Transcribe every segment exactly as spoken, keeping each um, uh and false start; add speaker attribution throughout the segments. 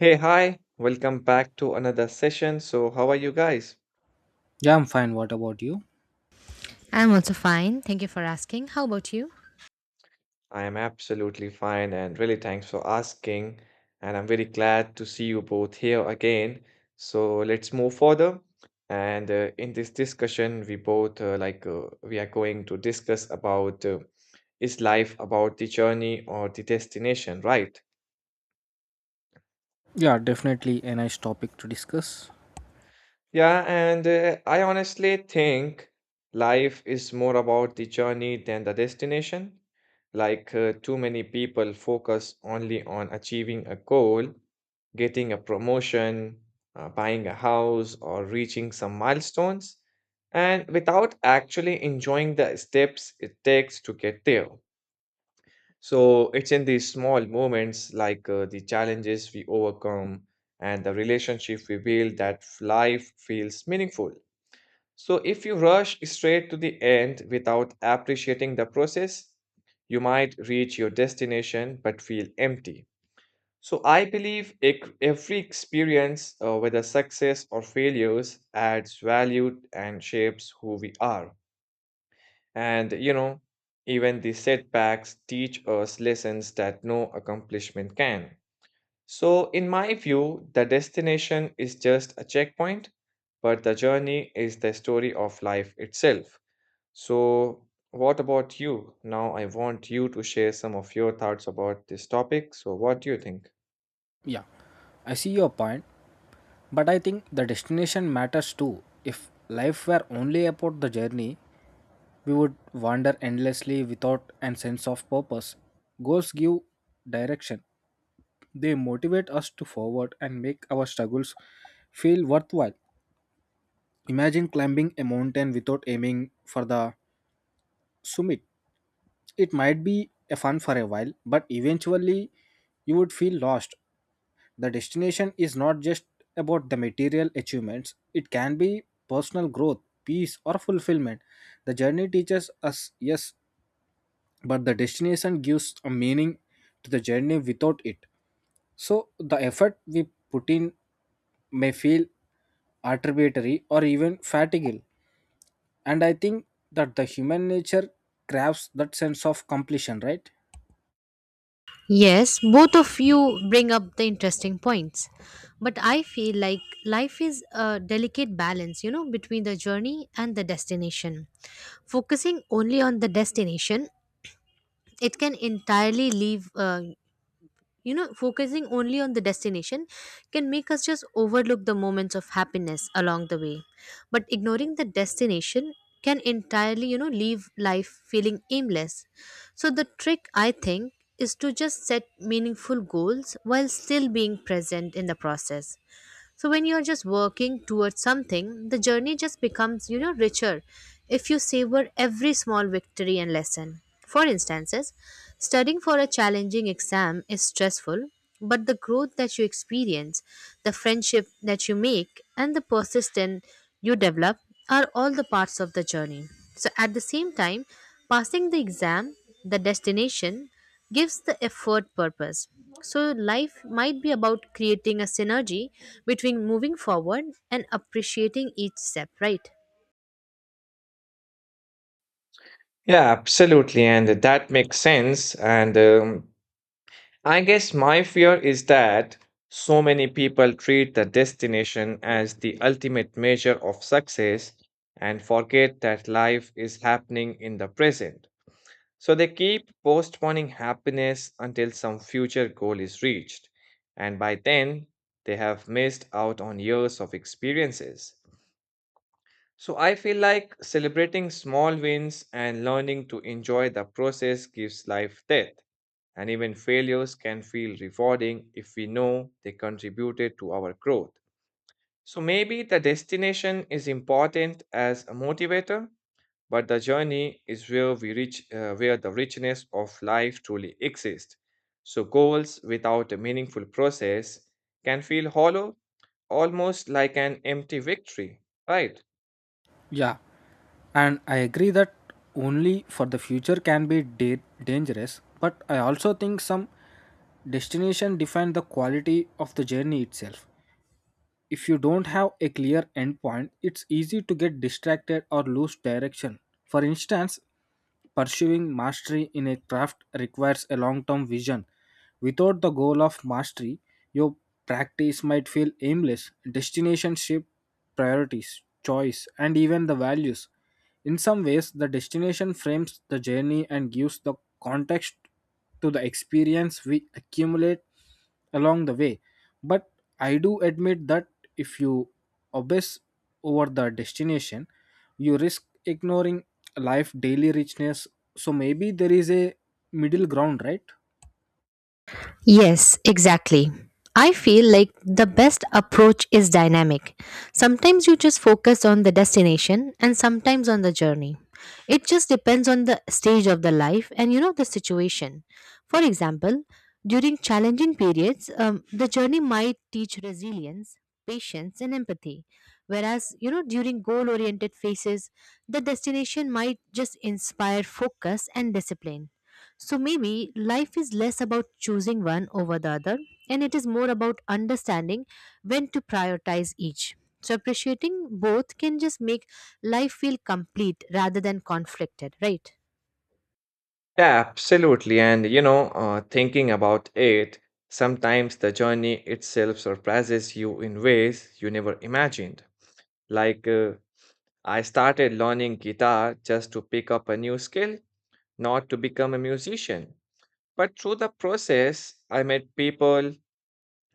Speaker 1: Hey, hi, welcome back to another session. So, how are you guys?
Speaker 2: Yeah, I'm fine. What about you?
Speaker 3: I'm also fine. Thank you for asking. How about you?
Speaker 1: I am absolutely fine and really thanks for asking. And I'm very glad to see you both here again. So, let's move further. And uh, in this discussion, we both uh, like uh, we are going to discuss about uh, is life about the journey or the destination, right?
Speaker 2: Yeah, definitely a nice topic to discuss.
Speaker 1: Yeah, and uh, I honestly think life is more about the journey than the destination. Like, uh, too many people focus only on achieving a goal, getting a promotion, uh, buying a house, or reaching some milestones, and without actually enjoying the steps it takes to get there. So it's in these small moments, like uh, the challenges we overcome and the relationship we build, that life feels meaningful. So if you rush straight to the end without appreciating the process, you might reach your destination but feel empty. So I believe ec- every experience, uh, whether success or failures, adds value and shapes who we are. And, you know, even the setbacks teach us lessons that no accomplishment can. So, in my view, the destination is just a checkpoint, but the journey is the story of life itself. So, what about you? Now, I want you to share some of your thoughts about this topic. So, what do you think?
Speaker 2: Yeah, I see your point, but I think the destination matters too. If life were only about the journey, we would wander endlessly without a sense of purpose. Goals give direction, they motivate us to forward and make our struggles feel worthwhile. Imagine climbing a mountain without aiming for the summit. It might be a fun for a while, but eventually you would feel lost. The destination is not just about the material achievements, it can be personal growth, peace, or fulfillment. The journey teaches us, yes, but the destination gives a meaning to the journey without it. So the effort we put in may feel arbitrary or even fatiguing. And I think that the human nature craves that sense of completion, right?
Speaker 3: Yes, both of you bring up the interesting points. But I feel like life is a delicate balance, you know, between the journey and the destination. Focusing only on the destination, it can entirely leave, uh, you know focusing only on the destination can make us just overlook the moments of happiness along the way, but ignoring the destination can entirely, you know, leave life feeling aimless. So the trick, I think, is to just set meaningful goals while still being present in the process. So when you're just working towards something, the journey just becomes, you know, richer if you savor every small victory and lesson. For instances, studying for a challenging exam is stressful, but the growth that you experience, the friendship that you make, and the persistence you develop are all the parts of the journey. So at the same time, passing the exam, the destination, gives the effort purpose. So, life might be about creating a synergy between moving forward and appreciating each step, right?
Speaker 1: Yeah, absolutely. And that makes sense. And, um, I guess my fear is that so many people treat the destination as the ultimate measure of success and forget that life is happening in the present. So they keep postponing happiness until some future goal is reached, and by then they have missed out on years of experiences. So I feel like celebrating small wins and learning to enjoy the process gives life depth. And even failures can feel rewarding if we know they contributed to our growth. So maybe the destination is important as a motivator, but the journey is where we reach uh, where the richness of life truly exists. So goals without a meaningful process can feel hollow, almost like an empty victory, right?
Speaker 2: Yeah. And I agree that only for the future can be da- dangerous, but I also think some destination define the quality of the journey itself. If you don't have a clear endpoint, it's easy to get distracted or lose direction. For instance, pursuing mastery in a craft requires a long term vision. Without the goal of mastery, your practice might feel aimless. Destination shape priorities, choice, and even the values. In some ways, the destination frames the journey and gives the context to the experience we accumulate along the way. But I do admit that if you obsess over the destination, you risk ignoring life daily richness. So maybe there is a middle ground, right?
Speaker 3: Yes, exactly. I feel like the best approach is dynamic. Sometimes you just focus on the destination and sometimes on the journey. It just depends on the stage of the life and, you know, the situation. For example, during challenging periods, um, the journey might teach resilience, patience, and empathy. Whereas, you know, during goal oriented phases, the destination might just inspire focus and discipline. So maybe life is less about choosing one over the other and it is more about understanding when to prioritize each. So appreciating both can just make life feel complete rather than conflicted, right?
Speaker 1: Yeah, absolutely. And you know, uh, thinking about it, sometimes the journey itself surprises you in ways you never imagined. Like, uh, I started learning guitar just to pick up a new skill, not to become a musician. But through the process, I met people,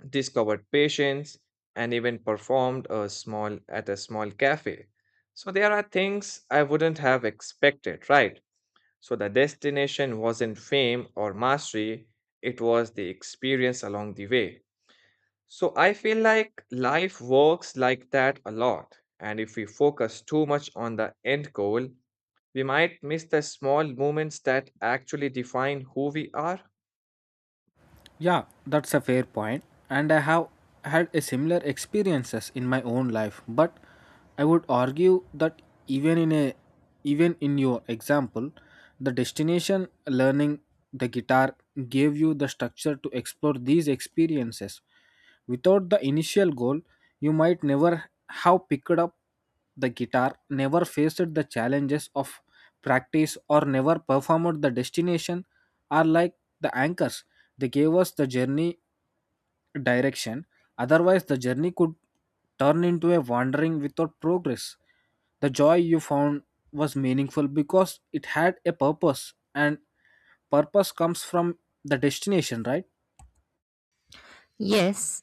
Speaker 1: discovered patience, and even performed a small at a small cafe. So there are things I wouldn't have expected, right? So the destination wasn't fame or mastery, it was the experience along the way. So I feel like life works like that a lot. And if we focus too much on the end goal, we might miss the small moments that actually define who we are.
Speaker 2: Yeah, that's a fair point, and I have had a similar experiences in my own life, but I would argue that even in a even in your example, the destination learning the guitar gave you the structure to explore these experiences. Without the initial goal, you might never have picked up the guitar, never faced the challenges of practice, or never performed. The destination are like the anchors, they gave us the journey direction, otherwise, the journey could turn into a wandering without progress. The joy you found was meaningful because it had a purpose, and purpose comes from the destination, right?
Speaker 3: Yes,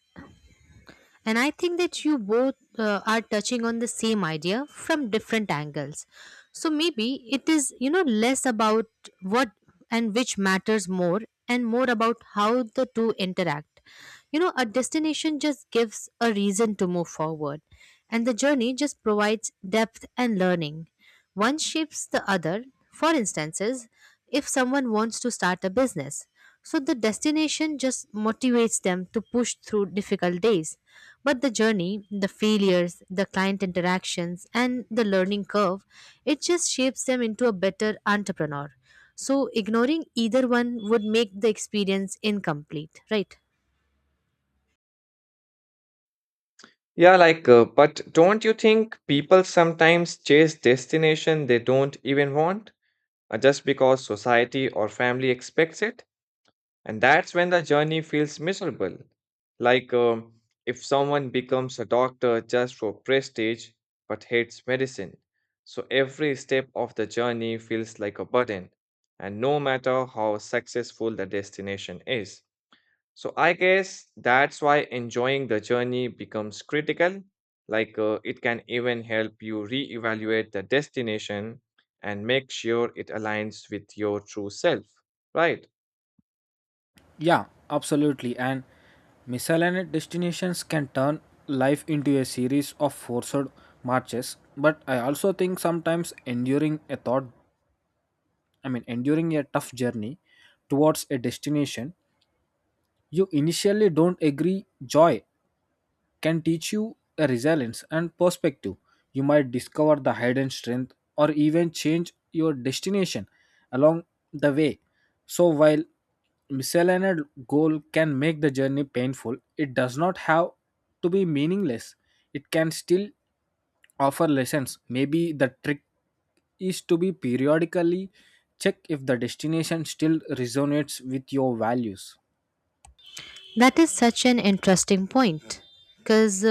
Speaker 3: and I think that you both uh, are touching on the same idea from different angles. So maybe it is, you know, less about what and which matters more and more about how the two interact. You know, a destination just gives a reason to move forward, and the journey just provides depth and learning. One shapes the other. For instances, if someone wants to start a business, so the destination just motivates them to push through difficult days, but the journey, the failures, the client interactions, and the learning curve, it just shapes them into a better entrepreneur. So ignoring either one would make the experience incomplete, right?
Speaker 1: Yeah, like, uh, but don't you think people sometimes chase destination they don't even want, uh, just because society or family expects it? And that's when the journey feels miserable. Like um, if someone becomes a doctor just for prestige but hates medicine. So every step of the journey feels like a burden, and no matter how successful the destination is. So I guess that's why enjoying the journey becomes critical. Like uh, it can even help you reevaluate the destination and make sure it aligns with your true self, right?
Speaker 2: Yeah, absolutely. And misaligned destinations can turn life into a series of forced marches, but I also think sometimes enduring a thought, I mean, enduring a tough journey towards a destination you initially don't agree, joy can teach you a resilience and perspective. You might discover the hidden strength or even change your destination along the way. So, while misaligned goal can make the journey painful, it does not have to be meaningless. It can still offer lessons. Maybe the trick is to be periodically check if the destination still resonates with your values.
Speaker 3: That is such an interesting point because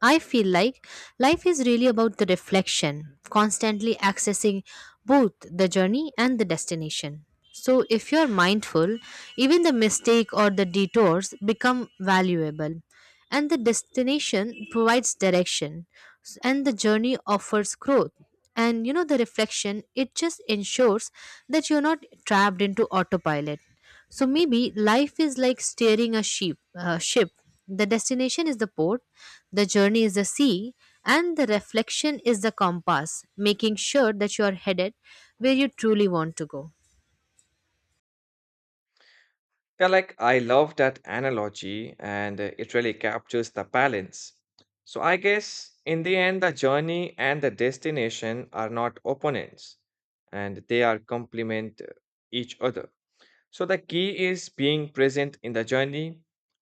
Speaker 3: I feel like life is really about the reflection, constantly accessing both the journey and the destination. So, if you're mindful, even the mistake or the detours become valuable, and the destination provides direction, s- and the journey offers growth. And, you know, the reflection, it just ensures that you're not trapped into autopilot. So maybe life is like steering a ship. Uh, ship. The destination is the port, the journey is the sea, and the reflection is the compass, making sure that you are headed where you truly want to go.
Speaker 1: Yeah, like I love that analogy and uh, it really captures the balance. So I guess in the end, the journey and the destination are not opponents and they are complement uh, each other. So the key is being present in the journey,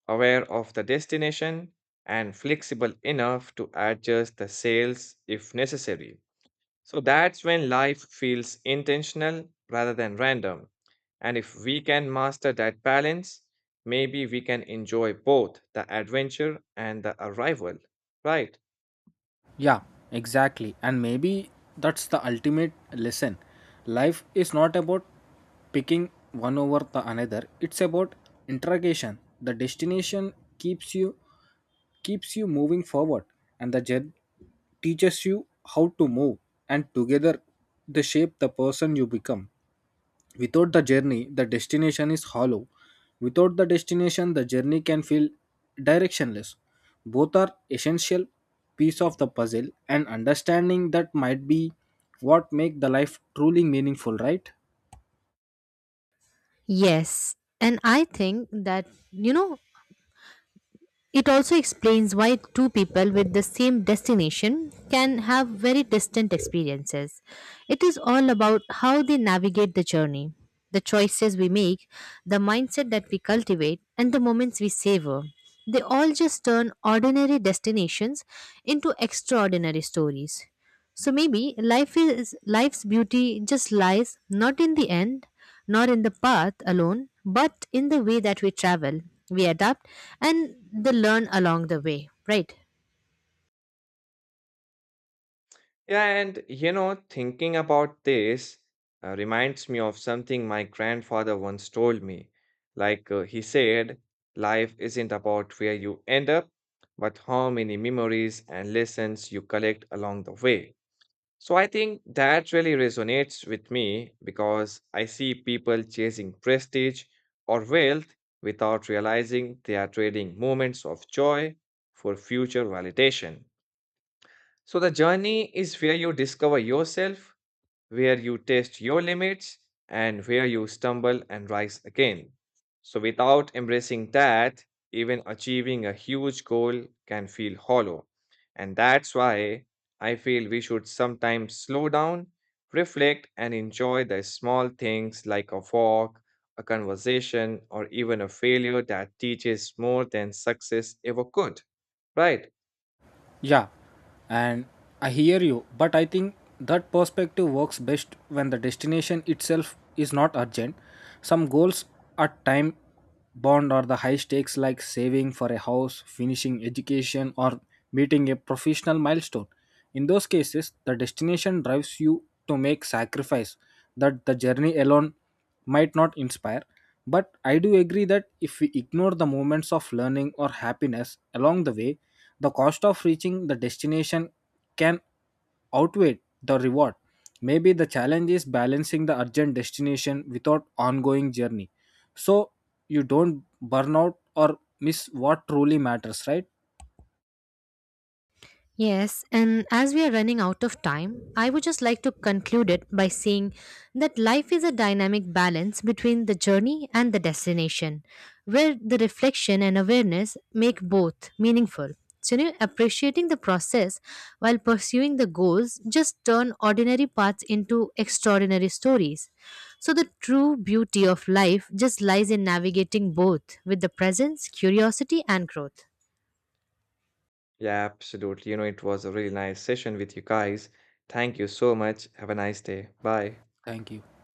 Speaker 1: aware of the destination, and flexible enough to adjust the sails if necessary. So that's when life feels intentional rather than random. And if we can master that balance, maybe we can enjoy both the adventure and the arrival, right?
Speaker 2: Yeah, exactly. And maybe that's the ultimate lesson. Life is not about picking one over the another. It's about interrogation. The destination keeps you keeps you moving forward and the journey teaches you how to move, and together they shape the person you become. Without the journey, the destination is hollow. Without the destination, the journey can feel directionless. Both are essential piece of the puzzle, and understanding that might be what make the life truly meaningful, right?
Speaker 3: Yes, and I think that, you know, it also explains why two people with the same destination can have very distant experiences. It is all about how they navigate the journey, the choices we make, the mindset that we cultivate, and the moments we savor. They all just turn ordinary destinations into extraordinary stories. So maybe life is, life's beauty just lies not in the end, nor in the path alone, but in the way that we travel, we adapt, and the learn along the way, right?
Speaker 1: Yeah, and you know, thinking about this uh, reminds me of something my grandfather once told me. Like uh, he said, life isn't about where you end up, but how many memories and lessons you collect along the way. So I think that really resonates with me because I see people chasing prestige or wealth without realizing they are trading moments of joy for future validation. So the journey is where you discover yourself, where you test your limits, and where you stumble and rise again. So without embracing that, even achieving a huge goal can feel hollow. And that's why I feel we should sometimes slow down, reflect, and enjoy the small things like a walk, a conversation, or even a failure that teaches more than success ever could. Right?
Speaker 2: Yeah, and I hear you, but I think that perspective works best when the destination itself is not urgent. Some goals are time bound or the high stakes, like saving for a house, finishing education, or meeting a professional milestone. In those cases, the destination drives you to make sacrifice that the journey alone might not inspire. But I do agree that if we ignore the moments of learning or happiness along the way, the cost of reaching the destination can outweigh the reward. Maybe the challenge is balancing the urgent destination without ongoing journey, so you don't burn out or miss what truly matters, right?
Speaker 3: Yes, and as we are running out of time, I would just like to conclude it by saying that life is a dynamic balance between the journey and the destination, where the reflection and awareness make both meaningful. So, you know, appreciating the process while pursuing the goals just turn ordinary paths into extraordinary stories. So, the true beauty of life just lies in navigating both with the presence, curiosity, and growth.
Speaker 1: Yeah, absolutely. You know, it was a really nice session with you guys. Thank you so much. Have a nice day. Bye.
Speaker 2: Thank you.